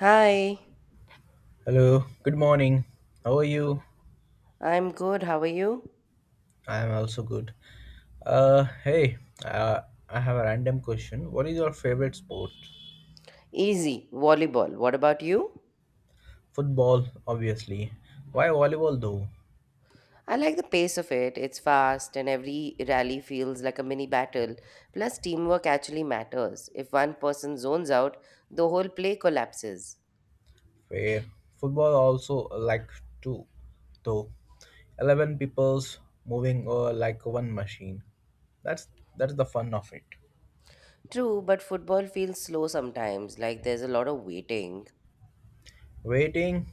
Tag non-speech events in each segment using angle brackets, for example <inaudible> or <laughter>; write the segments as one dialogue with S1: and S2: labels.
S1: Hi,
S2: Hello, good morning. How are you?
S1: I'm good. How are you?
S2: I am also good. Uh, hey, uh, I have a random question. What is your favorite sport?
S1: Easy. Volleyball. What about you?
S2: Football, obviously. Why volleyball though?
S1: I like the pace of it. It's fast, and every rally feels like a mini battle. Plus, teamwork actually matters. If one person zones out, the whole play collapses.
S2: Fair. Football also like two, though. 11 people's moving like one machine. That's that's the fun of it.
S1: True, but football feels slow sometimes, like there's a lot of waiting.
S2: Waiting,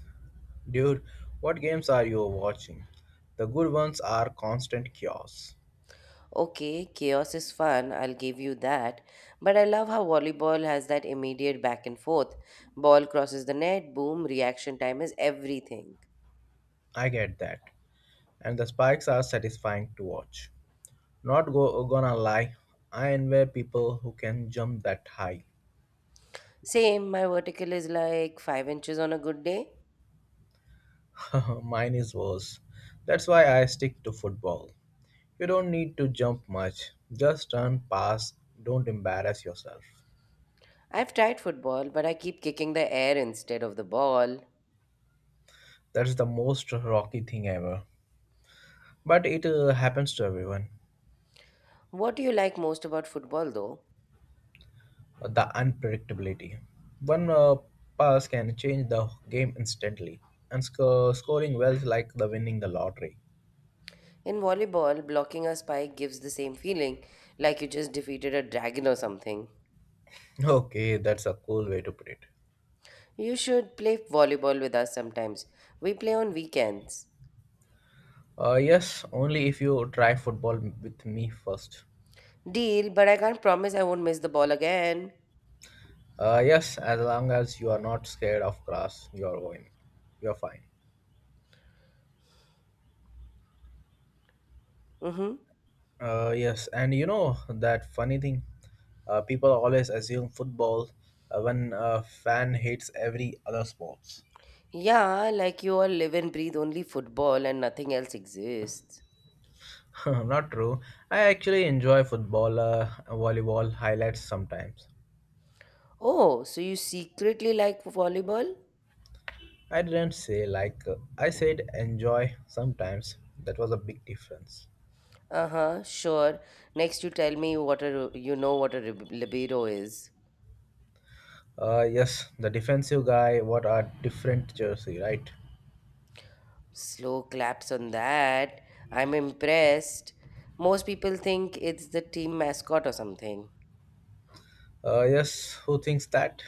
S2: dude. What games are you watching? The good ones are constant chaos.
S1: Okay, chaos is fun, I'll give you that. But I love how volleyball has that immediate back and forth. Ball crosses the net, boom, reaction time is everything.
S2: I get that. And the spikes are satisfying to watch. Not go, Gonna lie, I envy people who can jump that high.
S1: Same, my vertical is like 5 inches on a good day.
S2: <laughs> Mine is worse. That's why I stick to football. You don't need to jump much, just turn, pass, don't embarrass yourself.
S1: I've tried football, but I keep kicking the air instead of the ball.
S2: That's the most rocky thing ever. But it happens to everyone.
S1: What do you like most about football though?
S2: The unpredictability. One pass can change the game instantly, and scoring well is like the winning the lottery.
S1: In volleyball, blocking a spike gives the same feeling, like you just defeated a dragon or something.
S2: Okay, that's a cool way to put it.
S1: You should play volleyball with us sometimes. We play on weekends.
S2: Yes, only if you try football with me first.
S1: Deal, but I can't promise I won't miss the ball again.
S2: Yes, as long as you are not scared of grass, you're going. You're fine.
S1: Mm hmm.
S2: Yes, and you know that funny thing, people always assume football when a fan hates every other sports.
S1: Yeah, like you all live and breathe only football and nothing else exists.
S2: <laughs> Not true. I actually enjoy football, volleyball highlights sometimes.
S1: Oh, so you secretly like volleyball?
S2: I didn't say like I said enjoy sometimes. That was a big difference.
S1: Uh huh, sure. Next, you tell me what a libido is.
S2: Yes, the defensive guy, what a different jersey, right?
S1: Slow claps on that. I'm impressed. Most people think it's the team mascot or something.
S2: Yes, who thinks that?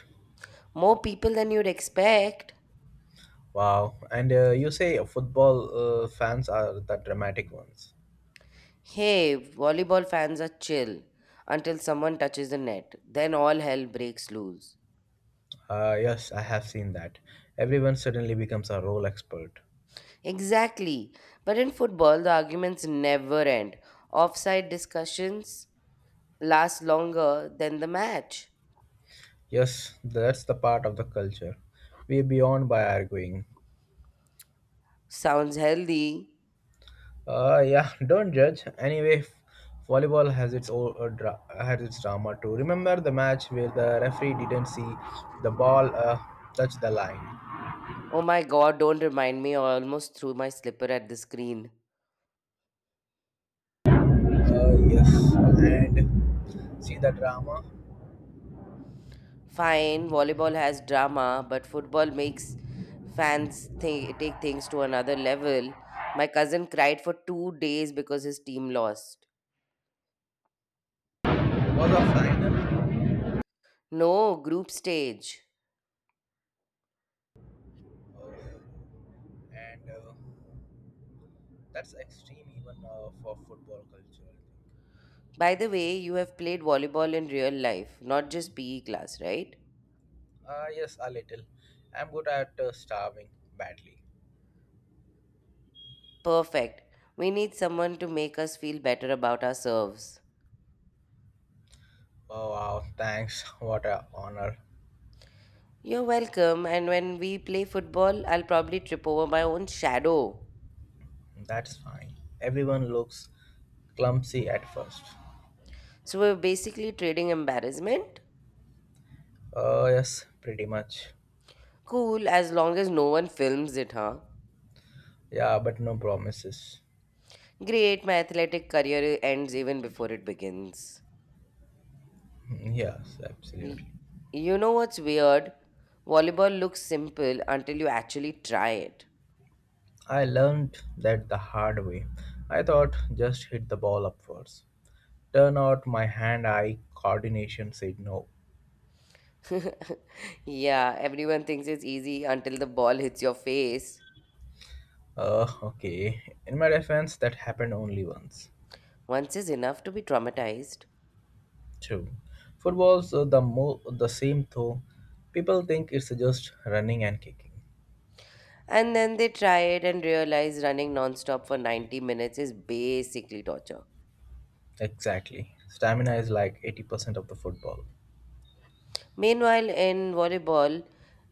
S1: More people than you'd expect.
S2: Wow. And you say football fans are the dramatic ones.
S1: Hey, volleyball fans are chill until someone touches the net. Then all hell breaks loose.
S2: Yes, I have seen that. Everyone suddenly becomes a role expert.
S1: Exactly. But in football, the arguments never end. Offside discussions, last longer than the match.
S2: Yes, that's the part of the culture. We're beyond by arguing.
S1: Sounds healthy.
S2: Yeah, <laughs> don't judge. Anyway, volleyball has its own has its drama too. Remember the match where the referee didn't see the ball touch the line?
S1: Oh my god, don't remind me, I almost threw my slipper at the screen.
S2: Yes, and see the drama
S1: Fine, volleyball has drama, but football makes fans think, take things to another level. My cousin cried for 2 days because his team lost.
S2: was a final,
S1: No, group stage.
S2: uh, and that's extreme even for football culture.
S1: By the way, you have played volleyball in real life, not just PE class, right?
S2: Yes, a little. I'm good at starving badly.
S1: Perfect. We need someone to make us feel better about our serves.
S2: Oh wow, thanks. <laughs> What a honor.
S1: You're welcome. And when we play football, I'll probably trip over my own shadow.
S2: That's fine. Everyone looks clumsy at first.
S1: So we're basically trading embarrassment?
S2: Yes, pretty much.
S1: Cool, as long as no one films it, huh?
S2: Yeah, but no promises.
S1: Great, my athletic career ends even before it begins.
S2: <laughs> Mm, yes,
S1: Y-
S2: absolutely.
S1: You know what's weird? Volleyball looks simple until you actually try it.
S2: I learned that the hard way. I thought just hit the ball upwards. Turn out my hand eye coordination said no.
S1: <laughs> yeah, everyone thinks it's easy until the ball hits your face.
S2: Okay. In my defense, that happened only once.
S1: Once is enough to be traumatized.
S2: True. Football's the same though. People think it's just running and kicking.
S1: And then they tried and realized running nonstop for 90 minutes is basically torture.
S2: Exactly. Stamina is like 80% of the football.
S1: Meanwhile, in volleyball,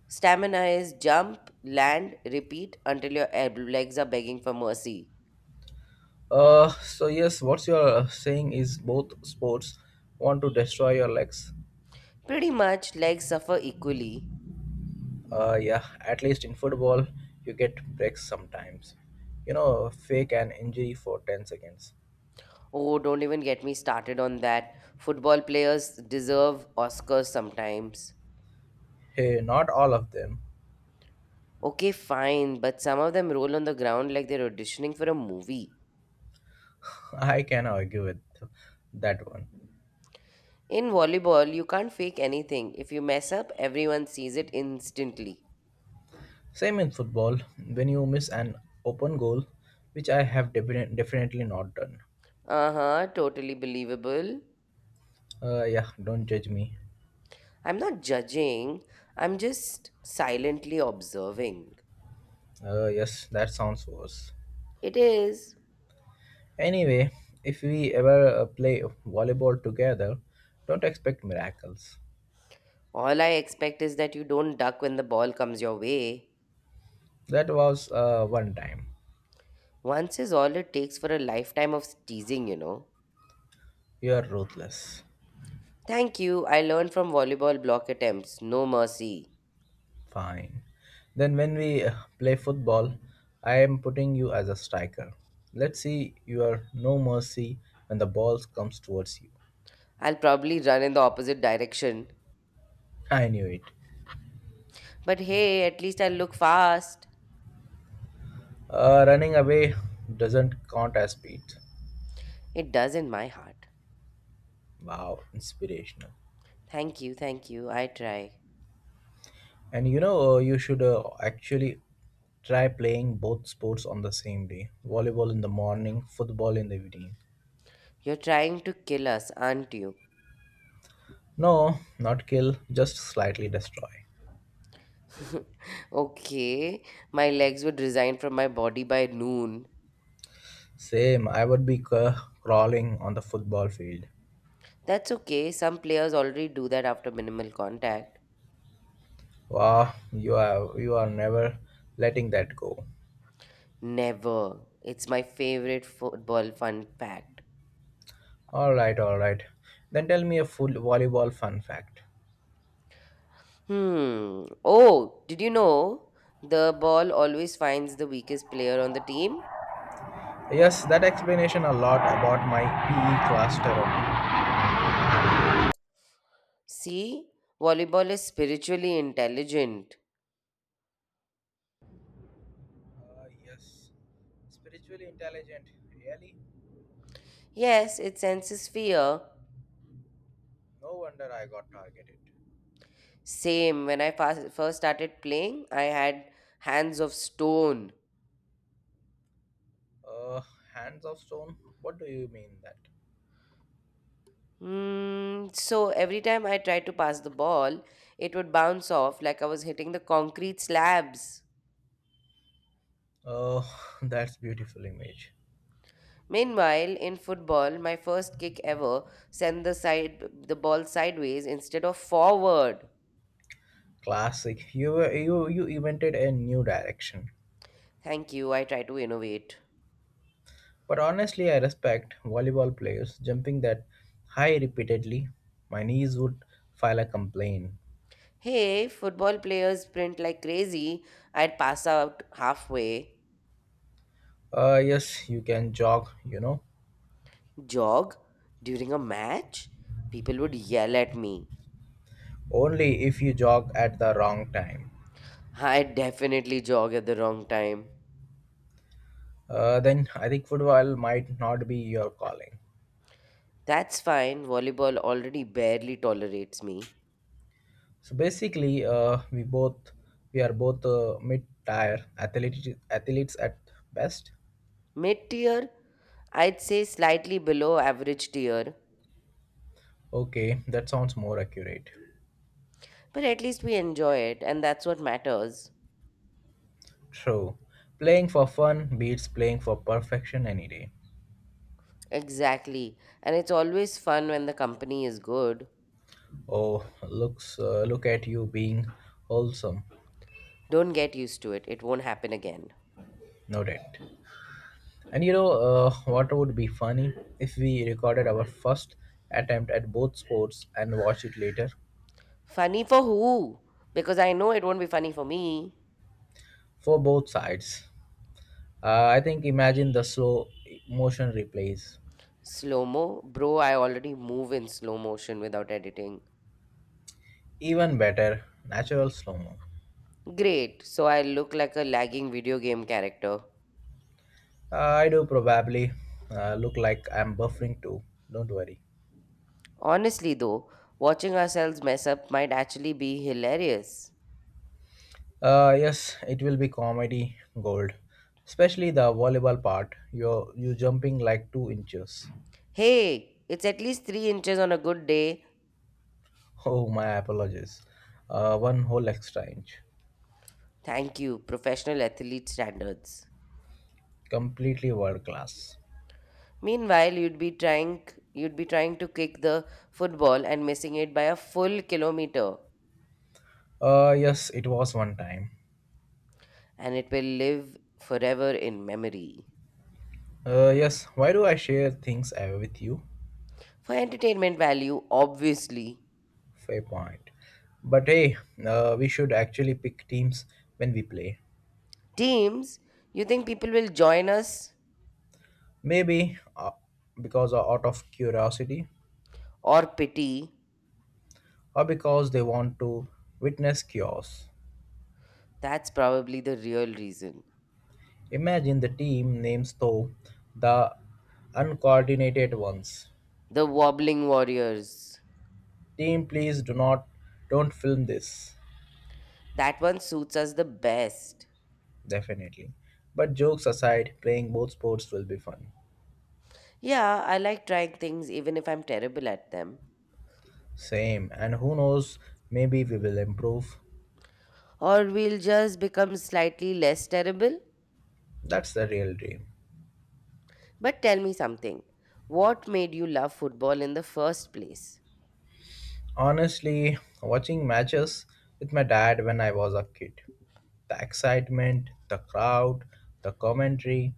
S1: stamina is jump, land, repeat until your legs are begging for mercy.
S2: So yes, what you're saying is both sports want to destroy your legs.
S1: Pretty much, legs suffer equally.
S2: Yeah, at least in football, you get breaks sometimes. You know, fake an injury for 10 seconds.
S1: Oh, don't even get me started on that. Football players deserve Oscars sometimes.
S2: Hey, not all of them.
S1: Okay, fine, but some of them roll on the ground like they're auditioning for a movie.
S2: <laughs> I can argue with that one.
S1: In volleyball, you can't fake anything. If you mess up, everyone sees it instantly.
S2: Same in football, when you miss an open goal, which I have definitely not done.
S1: Uh huh, totally believable.
S2: Yeah, don't judge me.
S1: I'm not judging, I'm just silently observing.
S2: Yes, that sounds worse.
S1: It is.
S2: Anyway, if we ever play volleyball together, don't expect miracles.
S1: All I expect is that you don't duck when the ball comes your way.
S2: That was one time.
S1: Once is all it takes for a lifetime of teasing, you know.
S2: You are ruthless.
S1: Thank you, I learned from volleyball block attempts. No mercy.
S2: Fine. Then when we play football, I am putting you as a striker. Let's see your no mercy when the ball comes towards you.
S1: I'll probably run in the opposite direction.
S2: I knew it.
S1: But hey, at least I'll look fast.
S2: Running away doesn't count as speed.
S1: It does in my heart.
S2: Wow, inspirational.
S1: Thank you, thank you. I try.
S2: And you know, you should actually try playing both sports on the same day, volleyball in the morning, football in the evening.
S1: You're trying to kill us, aren't you?
S2: No, not kill, just slightly destroy.
S1: <laughs> okay, my legs would resign from my body by noon.
S2: Same, I would be crawling on the football field.
S1: That's okay, some players already do that after minimal contact.
S2: Wow, you are never letting that go.
S1: Never. It's my favorite football fun fact.
S2: All right, all right. Then tell me a full volleyball fun fact.
S1: Hmm. Oh, did you know the ball always finds the weakest player on the team?
S2: Yes, that explanation a lot about my PE class terror.
S1: See, volleyball is spiritually intelligent.
S2: Yes, spiritually intelligent. Really?
S1: Yes, it senses fear.
S2: No wonder I got targeted.
S1: Same. When I first started playing, I had hands of stone.
S2: Uh, hands of stone. What do you mean that?
S1: Mm, so every time I tried to pass the ball, it would bounce off like I was hitting the concrete slabs.
S2: Oh, <laughs> that's beautiful image.
S1: Meanwhile, in football, my first kick ever sent the ball sideways instead of forward.
S2: Classic. You you invented a new direction.
S1: Thank you. I try to innovate.
S2: But honestly, I respect volleyball players jumping that high repeatedly. My knees would file a complaint.
S1: Hey, football players sprint like crazy. I'd pass out halfway,
S2: Yes, you can jog, you know,
S1: jog during a match, people would yell at me.
S2: only if you jog at the wrong time.
S1: I definitely jog at the wrong time.
S2: Then I think football might not be your calling.
S1: That's fine. Volleyball already barely tolerates me.
S2: So basically, we are both mid-tier athletes, athletes at best.
S1: Mid tier? I'd say slightly below average tier.
S2: Okay, that sounds more accurate.
S1: But at least we enjoy it, and that's what matters.
S2: True. Playing for fun beats playing for perfection any day.
S1: Exactly. And it's always fun when the company is good.
S2: Oh, looks look at you being wholesome,
S1: Don't get used to it. It won't happen again.
S2: no doubt. And you know what would be funny if we recorded our first attempt at both sports and watch it later
S1: Funny for who? Because I know it won't be funny for me.
S2: for both sides. I think imagine the slow motion replays.
S1: Slow mo? Bro, I already move in slow motion without editing.
S2: Even better, natural slow mo.
S1: Great, so I look like a lagging video game character.
S2: I do probably look like I'm buffering too. Don't worry.
S1: Honestly, though, watching ourselves mess up might actually be hilarious.
S2: Yes, it will be comedy gold, especially the volleyball part. You're you jumping like 2 inches.
S1: Hey, it's at least 3 inches on a good day.
S2: Oh, my apologies. One whole extra inch.
S1: Thank you, professional athlete standards.
S2: Completely world class.
S1: Meanwhile, you'd be trying to kick the football and missing it by a full kilometer,
S2: Yes, it was one time.
S1: and it will live forever in memory.
S2: Yes, why do I share things with you?
S1: For entertainment value, obviously.
S2: Fair point. But hey, we should actually pick teams when we play.
S1: Teams, you think people will join us
S2: Maybe because of out of curiosity,
S1: or pity?
S2: or because they want to witness chaos.
S1: That's probably the real reason.
S2: Imagine the team names though, the uncoordinated ones.
S1: The wobbling warriors.
S2: Team, please do not don't film this.
S1: That one suits us the best.
S2: Definitely. But jokes aside, playing both sports will be fun.
S1: Yeah, I like trying things even if I'm terrible at them.
S2: Same, and who knows, maybe we will improve.
S1: Or we'll just become slightly less terrible.
S2: That's the real dream.
S1: But tell me something. What made you love football in the first place?
S2: Honestly, watching matches with my dad when I was a kid. The excitement, the crowd, the commentary,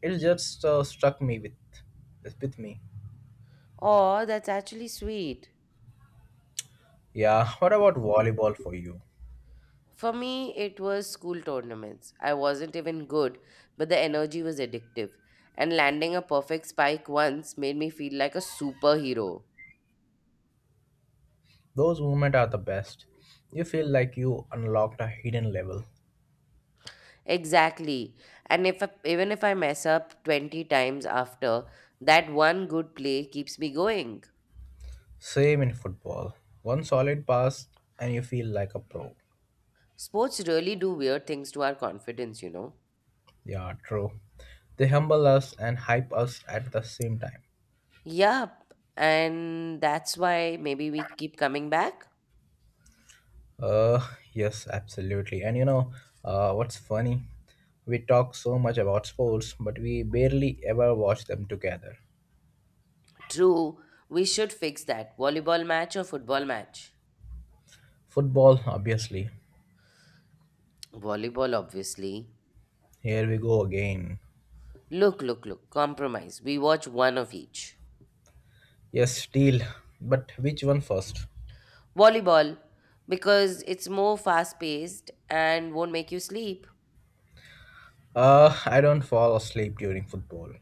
S2: it just struck me with me.
S1: Oh, that's actually sweet.
S2: Yeah, what about volleyball for you?
S1: For me, it was school tournaments. I wasn't even good, but the energy was addictive. And landing a perfect spike once made me feel like a superhero.
S2: Those moments are the best. You feel like you unlocked a hidden level.
S1: Exactly. And if I, Even if I mess up 20 times after, that one good play keeps me going.
S2: Same in football. One solid pass and you feel like a pro.
S1: Sports really do weird things to our confidence, you know.
S2: Yeah, true. They humble us and hype us at the same time.
S1: Yup. And that's why maybe we keep coming back.
S2: Uh, yes, absolutely. And you know, what's funny? We talk so much about sports, but we barely ever watch them together.
S1: True. We should fix that. Volleyball match or football match?
S2: Football, obviously.
S1: Volleyball, obviously.
S2: Here we go again.
S1: Look, look, look. Compromise. We watch one of each.
S2: Yes, deal. But which one first?
S1: Volleyball, because it's more fast paced and won't make you sleep.
S2: I don't fall asleep during football.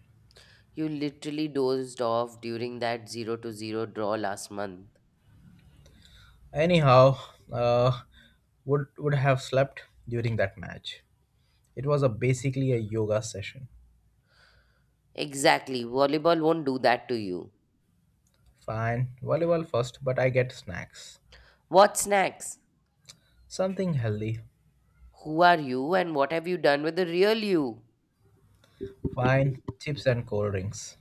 S1: You literally dozed off during that 0-0 draw last month.
S2: Anyhow, uh, would have slept during that match. It was a basically a yoga session.
S1: Exactly. Volleyball won't do that to you.
S2: Fine, volleyball first, but I get snacks.
S1: What snacks?
S2: Something healthy.
S1: Who are you and what have you done with the real you?
S2: Fine, chips and cold drinks.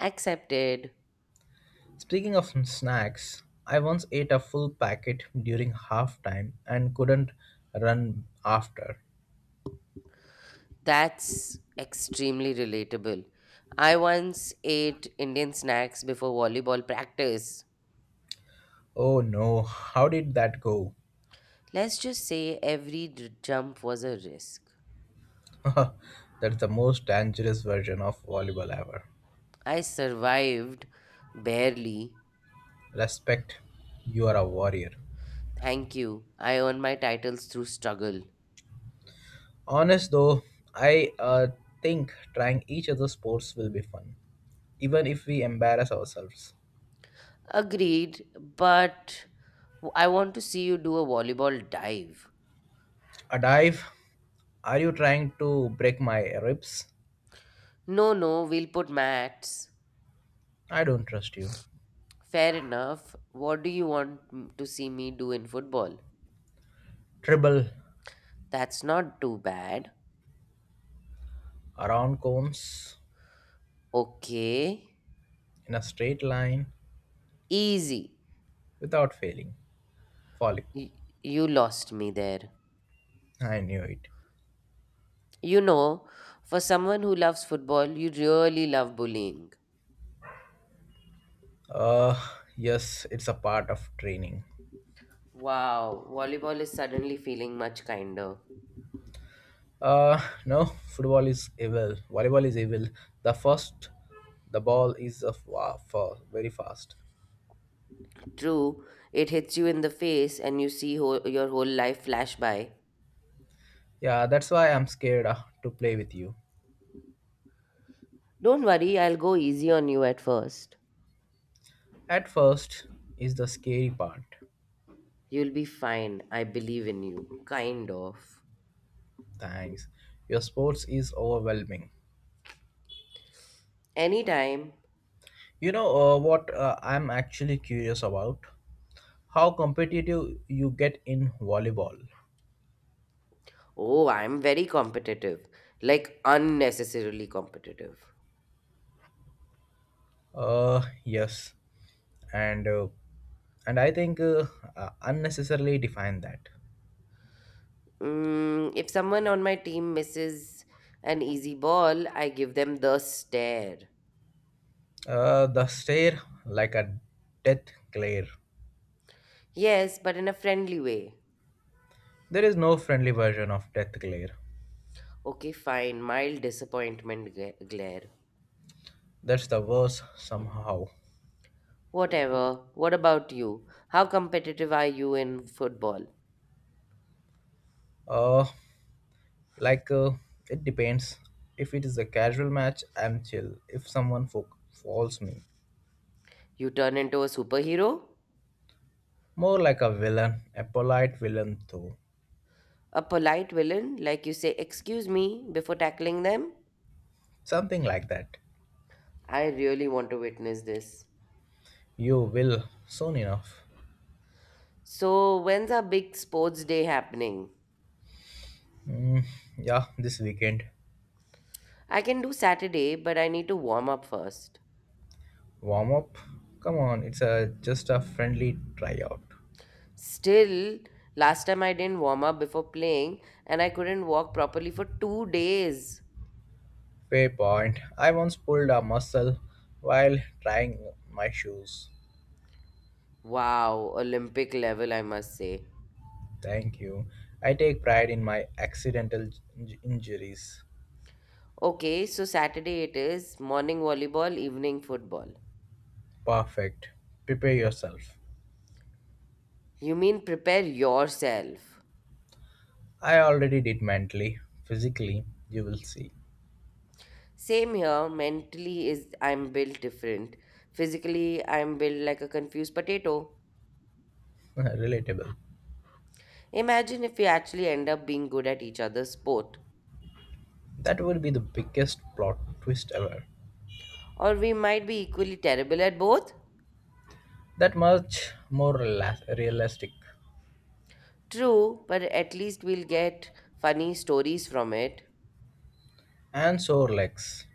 S1: Accepted.
S2: Speaking of some snacks, I once ate a full packet during halftime and couldn't run after.
S1: That's extremely relatable. I once ate Indian snacks before volleyball practice.
S2: Oh no, how did that go?
S1: Let's just say every jump was a risk.
S2: <laughs> That's the most dangerous version of volleyball ever.
S1: I survived barely.
S2: Respect, you are a warrior.
S1: Thank you. I earned my titles through struggle.
S2: Honest though, I think trying each other's sports will be fun, even if we embarrass ourselves.
S1: Agreed, but I want to see you do a volleyball dive.
S2: A dive? Are you trying to break my ribs?
S1: No, no, we'll put mats.
S2: I don't trust you.
S1: Fair enough. What do you want to see me do in football?
S2: Dribble
S1: That's not too bad.
S2: around cones
S1: Okay.
S2: in a straight line
S1: Easy.
S2: without failing. Folly.
S1: Y- you lost me there.
S2: I knew it.
S1: You know, for someone who loves football, you really love bullying.
S2: Uh, yes, it's a part of training.
S1: Wow, volleyball is suddenly feeling much kinder.
S2: Uh, no, football is evil. Volleyball is evil. The first, the ball is a very fast.
S1: True, it hits you in the face and you see whole, your whole life flash by.
S2: Yeah, that's why I'm scared to play with you.
S1: Don't worry, I'll go easy on you at first.
S2: At first is the scary part.
S1: You'll be fine. I believe in you. Kind of.
S2: Thanks. Your sports is overwhelming.
S1: Anytime.
S2: You know what I'm actually curious about? How competitive you get in volleyball?
S1: Oh, I'm very competitive. Like, unnecessarily competitive.
S2: Uh, yes, and uh, and I think unnecessarily define that.
S1: Mm, if someone on my team misses an easy ball, I give them the stare.
S2: The stare like a death glare.
S1: Yes, but in a friendly way.
S2: There is no friendly version of death glare.
S1: Okay, fine. Mild disappointment glare.
S2: That's the worst somehow.
S1: Whatever. What about you? How competitive are you in football?
S2: Uh, like uh, it depends. If it is a casual match, I'm chill. If someone falls me,
S1: You turn into a superhero?
S2: more like a villain, a polite villain though,
S1: A polite villain, like you say, excuse me before tackling them.
S2: something like that.
S1: I really want to witness this.
S2: You will soon enough.
S1: So, when's our big sports day happening?
S2: Mm, yeah, this weekend
S1: I can do Saturday, but I need to warm up first.
S2: warm up. Come on, it's a just a friendly tryout.
S1: Still, last time I didn't warm up before playing and I couldn't walk properly for 2 days.
S2: Fair point. I once pulled a muscle while trying my shoes.
S1: Wow, Olympic level, I must say.
S2: Thank you. I take pride in my accidental injuries.
S1: Okay, so Saturday it is, morning volleyball, evening football.
S2: Perfect. Prepare yourself.
S1: You mean prepare yourself.
S2: I already did mentally. Physically, you will see.
S1: Same here. Mentally is I'm built different. Physically, I'm built like a confused potato.
S2: <laughs> Relatable.
S1: Imagine if we actually end up being good at each other's sport.
S2: That would be the biggest plot twist ever.
S1: Or we might be equally terrible at both.
S2: That much more realistic.
S1: True, but at least we'll get funny stories from it.
S2: And sore legs.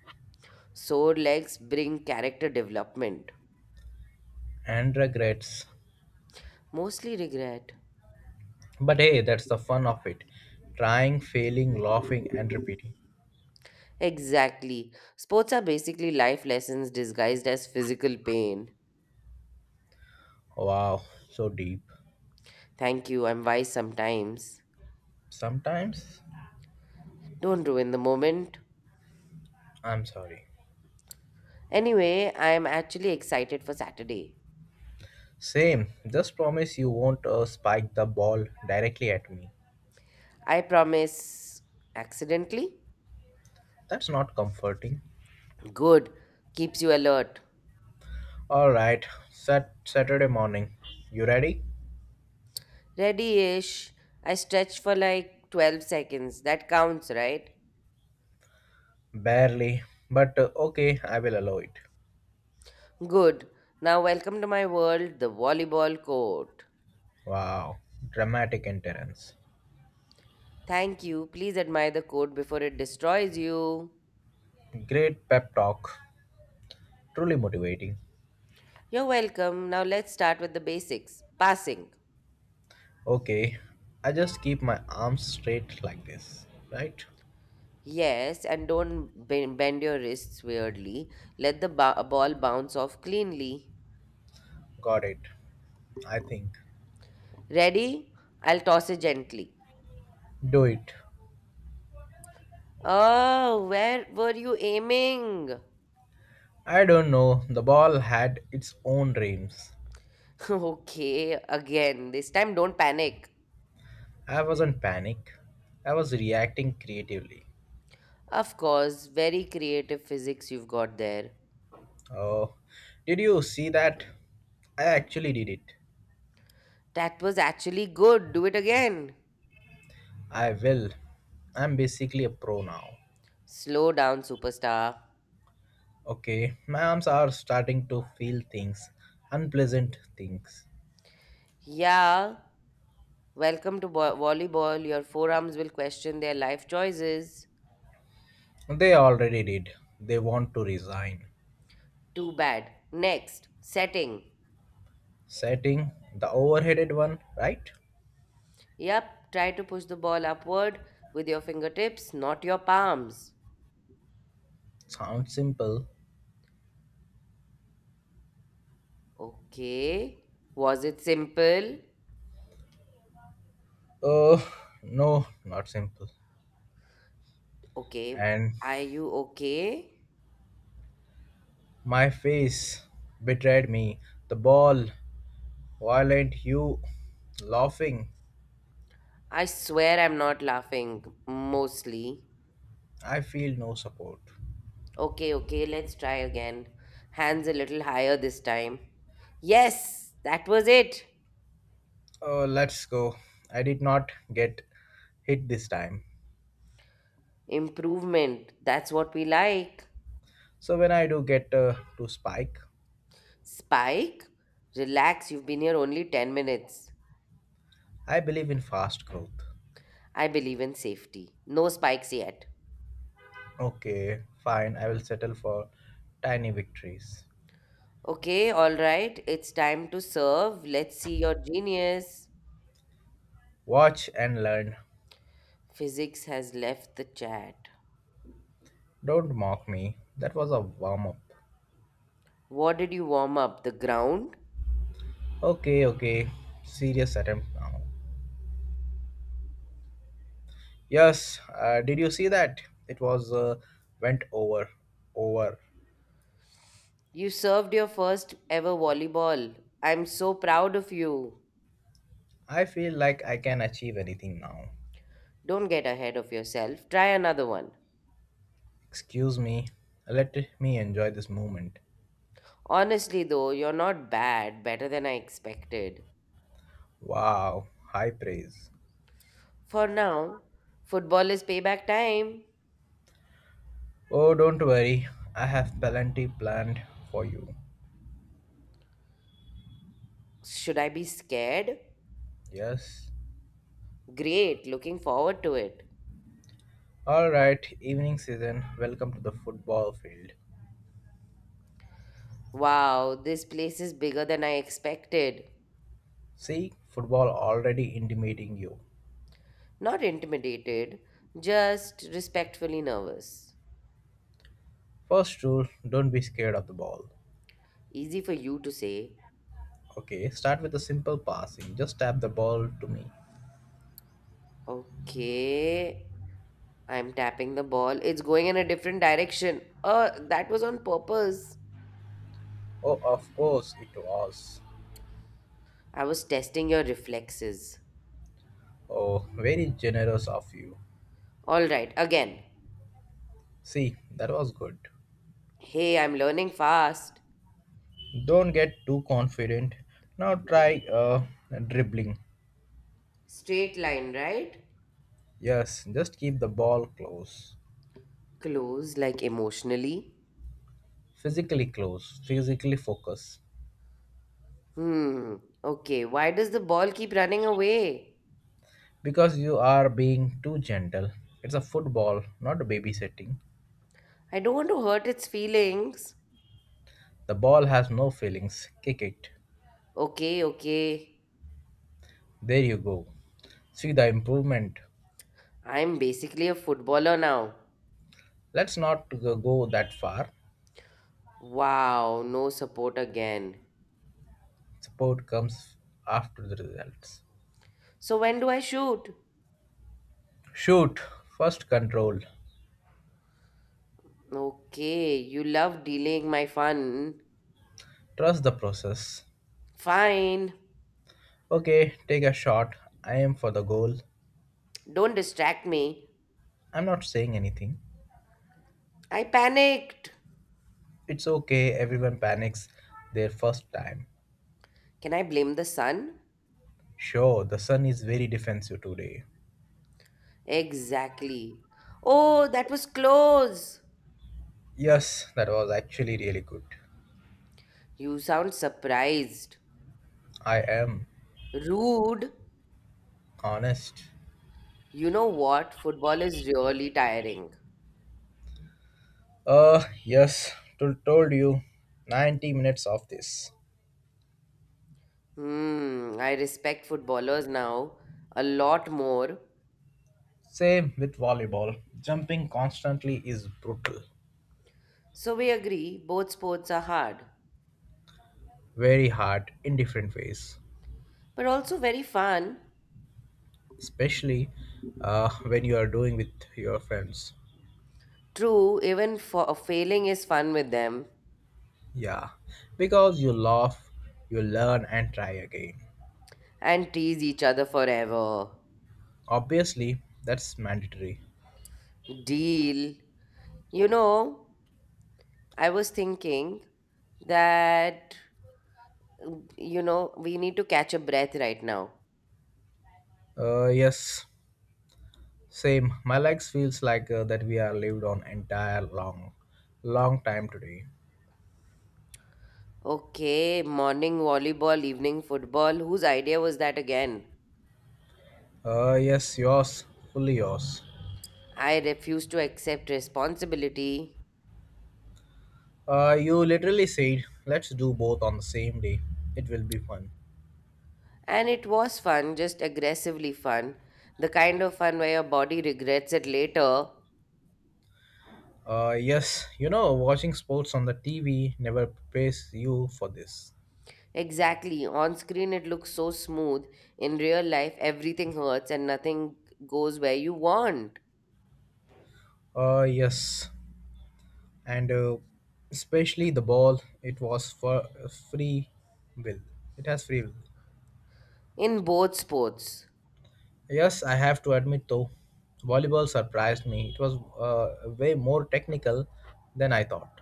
S1: Sore legs bring character development.
S2: And regrets.
S1: Mostly regret.
S2: But hey, that's the fun of it. Trying, failing, laughing, and repeating.
S1: Exactly. Sports are basically life lessons disguised as physical pain.
S2: Wow, so deep.
S1: Thank you, I'm wise sometimes.
S2: Sometimes
S1: Don't ruin the moment.
S2: I'm sorry.
S1: Anyway, I am actually excited for Saturday.
S2: Same, just promise you won't spike the ball directly at me.
S1: I promise. Accidentally?
S2: That's not comforting.
S1: Good. Keeps you alert.
S2: Alright, Saturday morning. You ready?
S1: Ready ish. I stretch for like 12 seconds. That counts, right?
S2: Barely, but okay, I will allow it.
S1: Good. Now, welcome to my world, the volleyball court.
S2: Wow, dramatic entrance.
S1: Thank you. Please admire the court before it destroys you.
S2: Great pep talk. Truly motivating.
S1: You're welcome. Now, let's start with the basics passing.
S2: Okay, I just keep my arms straight like this, right?
S1: Yes, and don't bend your wrists weirdly. Let the ball bounce off cleanly.
S2: Got it. I think.
S1: Ready? I'll toss it gently.
S2: Do it.
S1: Oh, where were you aiming?
S2: I don't know, the ball had its own dreams.
S1: <laughs> okay, again. This time don't panic.
S2: I wasn't panic. I was reacting creatively.
S1: Of course, very creative physics you've got there.
S2: Oh, did you see that? I actually did it.
S1: That was actually good. Do it again.
S2: I will. I'm basically a pro now.
S1: Slow down, superstar.
S2: Okay, my arms are starting to feel things, unpleasant things.
S1: Yeah. Welcome to volleyball. Your forearms will question their life choices.
S2: They already did. They want to resign.
S1: Too bad. Next. Setting.
S2: Setting the overheaded one, right?
S1: Yep. Try to push the ball upward with your fingertips, not your palms.
S2: Sounds simple.
S1: Okay. Was it simple?
S2: Oh, no, not simple.
S1: Okay.
S2: And
S1: Are you okay?
S2: my face betrayed me. The ball, violent hue, laughing.
S1: I swear I'm not laughing, mostly.
S2: I feel no support.
S1: Okay, okay, let's try again. Hands a little higher this time. Yes, that was it.
S2: Oh, let's go. I did not get hit this time.
S1: Improvement. That's what we like.
S2: So when I do get to spike,
S1: Spike, relax, you've been here only 10 minutes.
S2: I believe in fast growth.
S1: I believe in safety. No spikes yet.
S2: Okay, fine. I will settle for tiny victories.
S1: Okay, alright, it's time to serve. Let's see your genius.
S2: Watch and learn.
S1: Physics has left the chat.
S2: Don't mock me. That was a warm up.
S1: What did you warm up? The ground?
S2: Okay, okay. Serious attempt now. Yes, did you see that? It was went over.
S1: You served your first ever volleyball. I'm so proud of you.
S2: I feel like I can achieve anything now.
S1: Don't get ahead of yourself. Try another one.
S2: Excuse me, let me enjoy this moment.
S1: Honestly, though, you're not bad, better than I expected.
S2: Wow, high praise.
S1: For now, football is payback time.
S2: Oh, don't worry, I have plenty planned for you.
S1: Should I be scared?
S2: Yes.
S1: Great, looking forward to it.
S2: All right, evening season, welcome to the football field.
S1: Wow, this place is bigger than I expected.
S2: See, football already intimating you.
S1: Not intimidated, just respectfully nervous.
S2: First rule, don't be scared of the ball.
S1: Easy for you to say.
S2: Okay, start with a simple passing. Just tap the ball to me.
S1: Okay, I'm tapping the ball. It's going in a different direction. That was on purpose.
S2: Oh, of course it was.
S1: I was testing your reflexes.
S2: Oh, very generous of you.
S1: All right, again.
S2: See, that was good.
S1: Hey, I'm learning fast.
S2: Don't get too confident. Now try dribbling.
S1: Straight line, right?
S2: Yes, just keep the ball close.
S1: Close, like emotionally.
S2: Physically close. Physically focus.
S1: Hmm, okay. Why does the ball keep running away?
S2: Because you are being too gentle. It's a football, not babysitting.
S1: I don't want to hurt its feelings.
S2: The ball has no feelings. Kick it.
S1: Okay, okay.
S2: There you go. See the improvement.
S1: I'm basically a footballer now.
S2: Let's not go that far.
S1: Wow, no support again.
S2: Support comes after the results.
S1: So when do I shoot?
S2: Shoot, first control.
S1: Okay, you love delaying my fun.
S2: Trust the process.
S1: Fine.
S2: Okay, take a shot. I am for the goal.
S1: Don't distract me.
S2: I'm not saying anything.
S1: I panicked.
S2: It's okay, everyone panics their first time.
S1: Can I blame the sun?
S2: Sure, the sun is very defensive today.
S1: Exactly. Oh, that was close.
S2: Yes, that was actually really good.
S1: You sound surprised.
S2: I am
S1: Rude.
S2: honest.
S1: You know what? Football is really tiring.
S2: Yes, told you 90 minutes of this.
S1: Hmm, I respect footballers now a lot more.
S2: Same with volleyball. Jumping constantly is brutal,
S1: So we agree both sports are hard,
S2: very hard in different ways,
S1: but also very fun.
S2: especially when you are doing with your friends.
S1: True, even for failing is fun with them
S2: Yeah, because you laugh, you learn, and try again.
S1: and tease each other forever.
S2: Obviously, that's mandatory.
S1: Deal. You know, I was thinking that, we need to catch a breath right now.
S2: Yes, same. My legs feels like that we are lived on entire long time today.
S1: Okay, morning volleyball, evening football. Whose idea was that again?
S2: Yes, yours, fully yours.
S1: I refuse to accept responsibility.
S2: You literally said, let's do both on the same day. It will be fun.
S1: And it was fun, just aggressively fun. The kind of fun where your body regrets it later.
S2: Yes, you know, watching sports on the TV never prepares you for this.
S1: Exactly. On screen, it looks so smooth. In real life, everything hurts and nothing goes where you want.
S2: Yes, and Especially the ball, it was for free will. It has free will.
S1: In both sports.
S2: Yes, I have to admit though, volleyball surprised me. It was way more technical than I thought.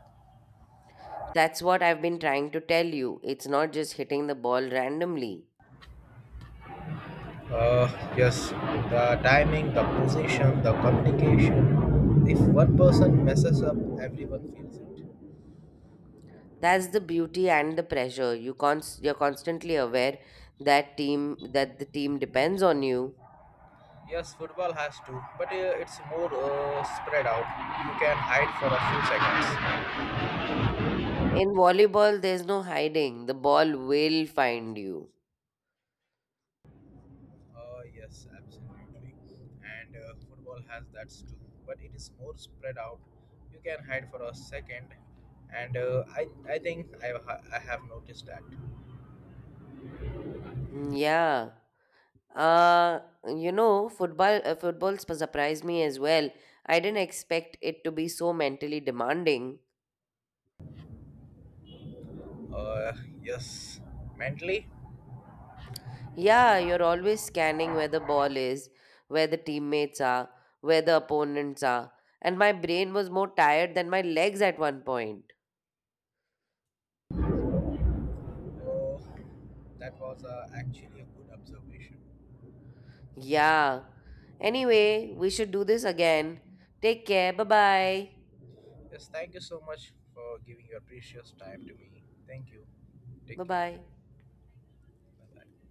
S1: That's what I've been trying to tell you. It's not just hitting the ball randomly.
S2: Uh, yes, the timing, the position, the communication. If one person messes up, everyone feels it.
S1: That's the beauty and the pressure. You're constantly aware that the team depends on you.
S2: Yes, football has to, but it's more spread out. You can hide for a few seconds.
S1: In volleyball, there's no hiding. The ball will find you.
S2: Yes, absolutely. And football has that too, but it is more spread out. You can hide for a second, and I think I ha- I have noticed that.
S1: Yeah. Uh, you know, football surprised me as well. I didn't expect it to be so mentally demanding.
S2: Uh, yes, mentally.
S1: Yeah, you're always scanning where the ball is, where the teammates are, where the opponents are, and my brain was more tired than my legs at one point.
S2: Uh, that was actually a good observation.
S1: Yeah. Anyway, we should do this again. Take care. Bye bye.
S2: Yes, thank you so much for giving your precious time to me. Thank you. Take
S1: Bye
S2: care.
S1: bye.
S2: Bye bye.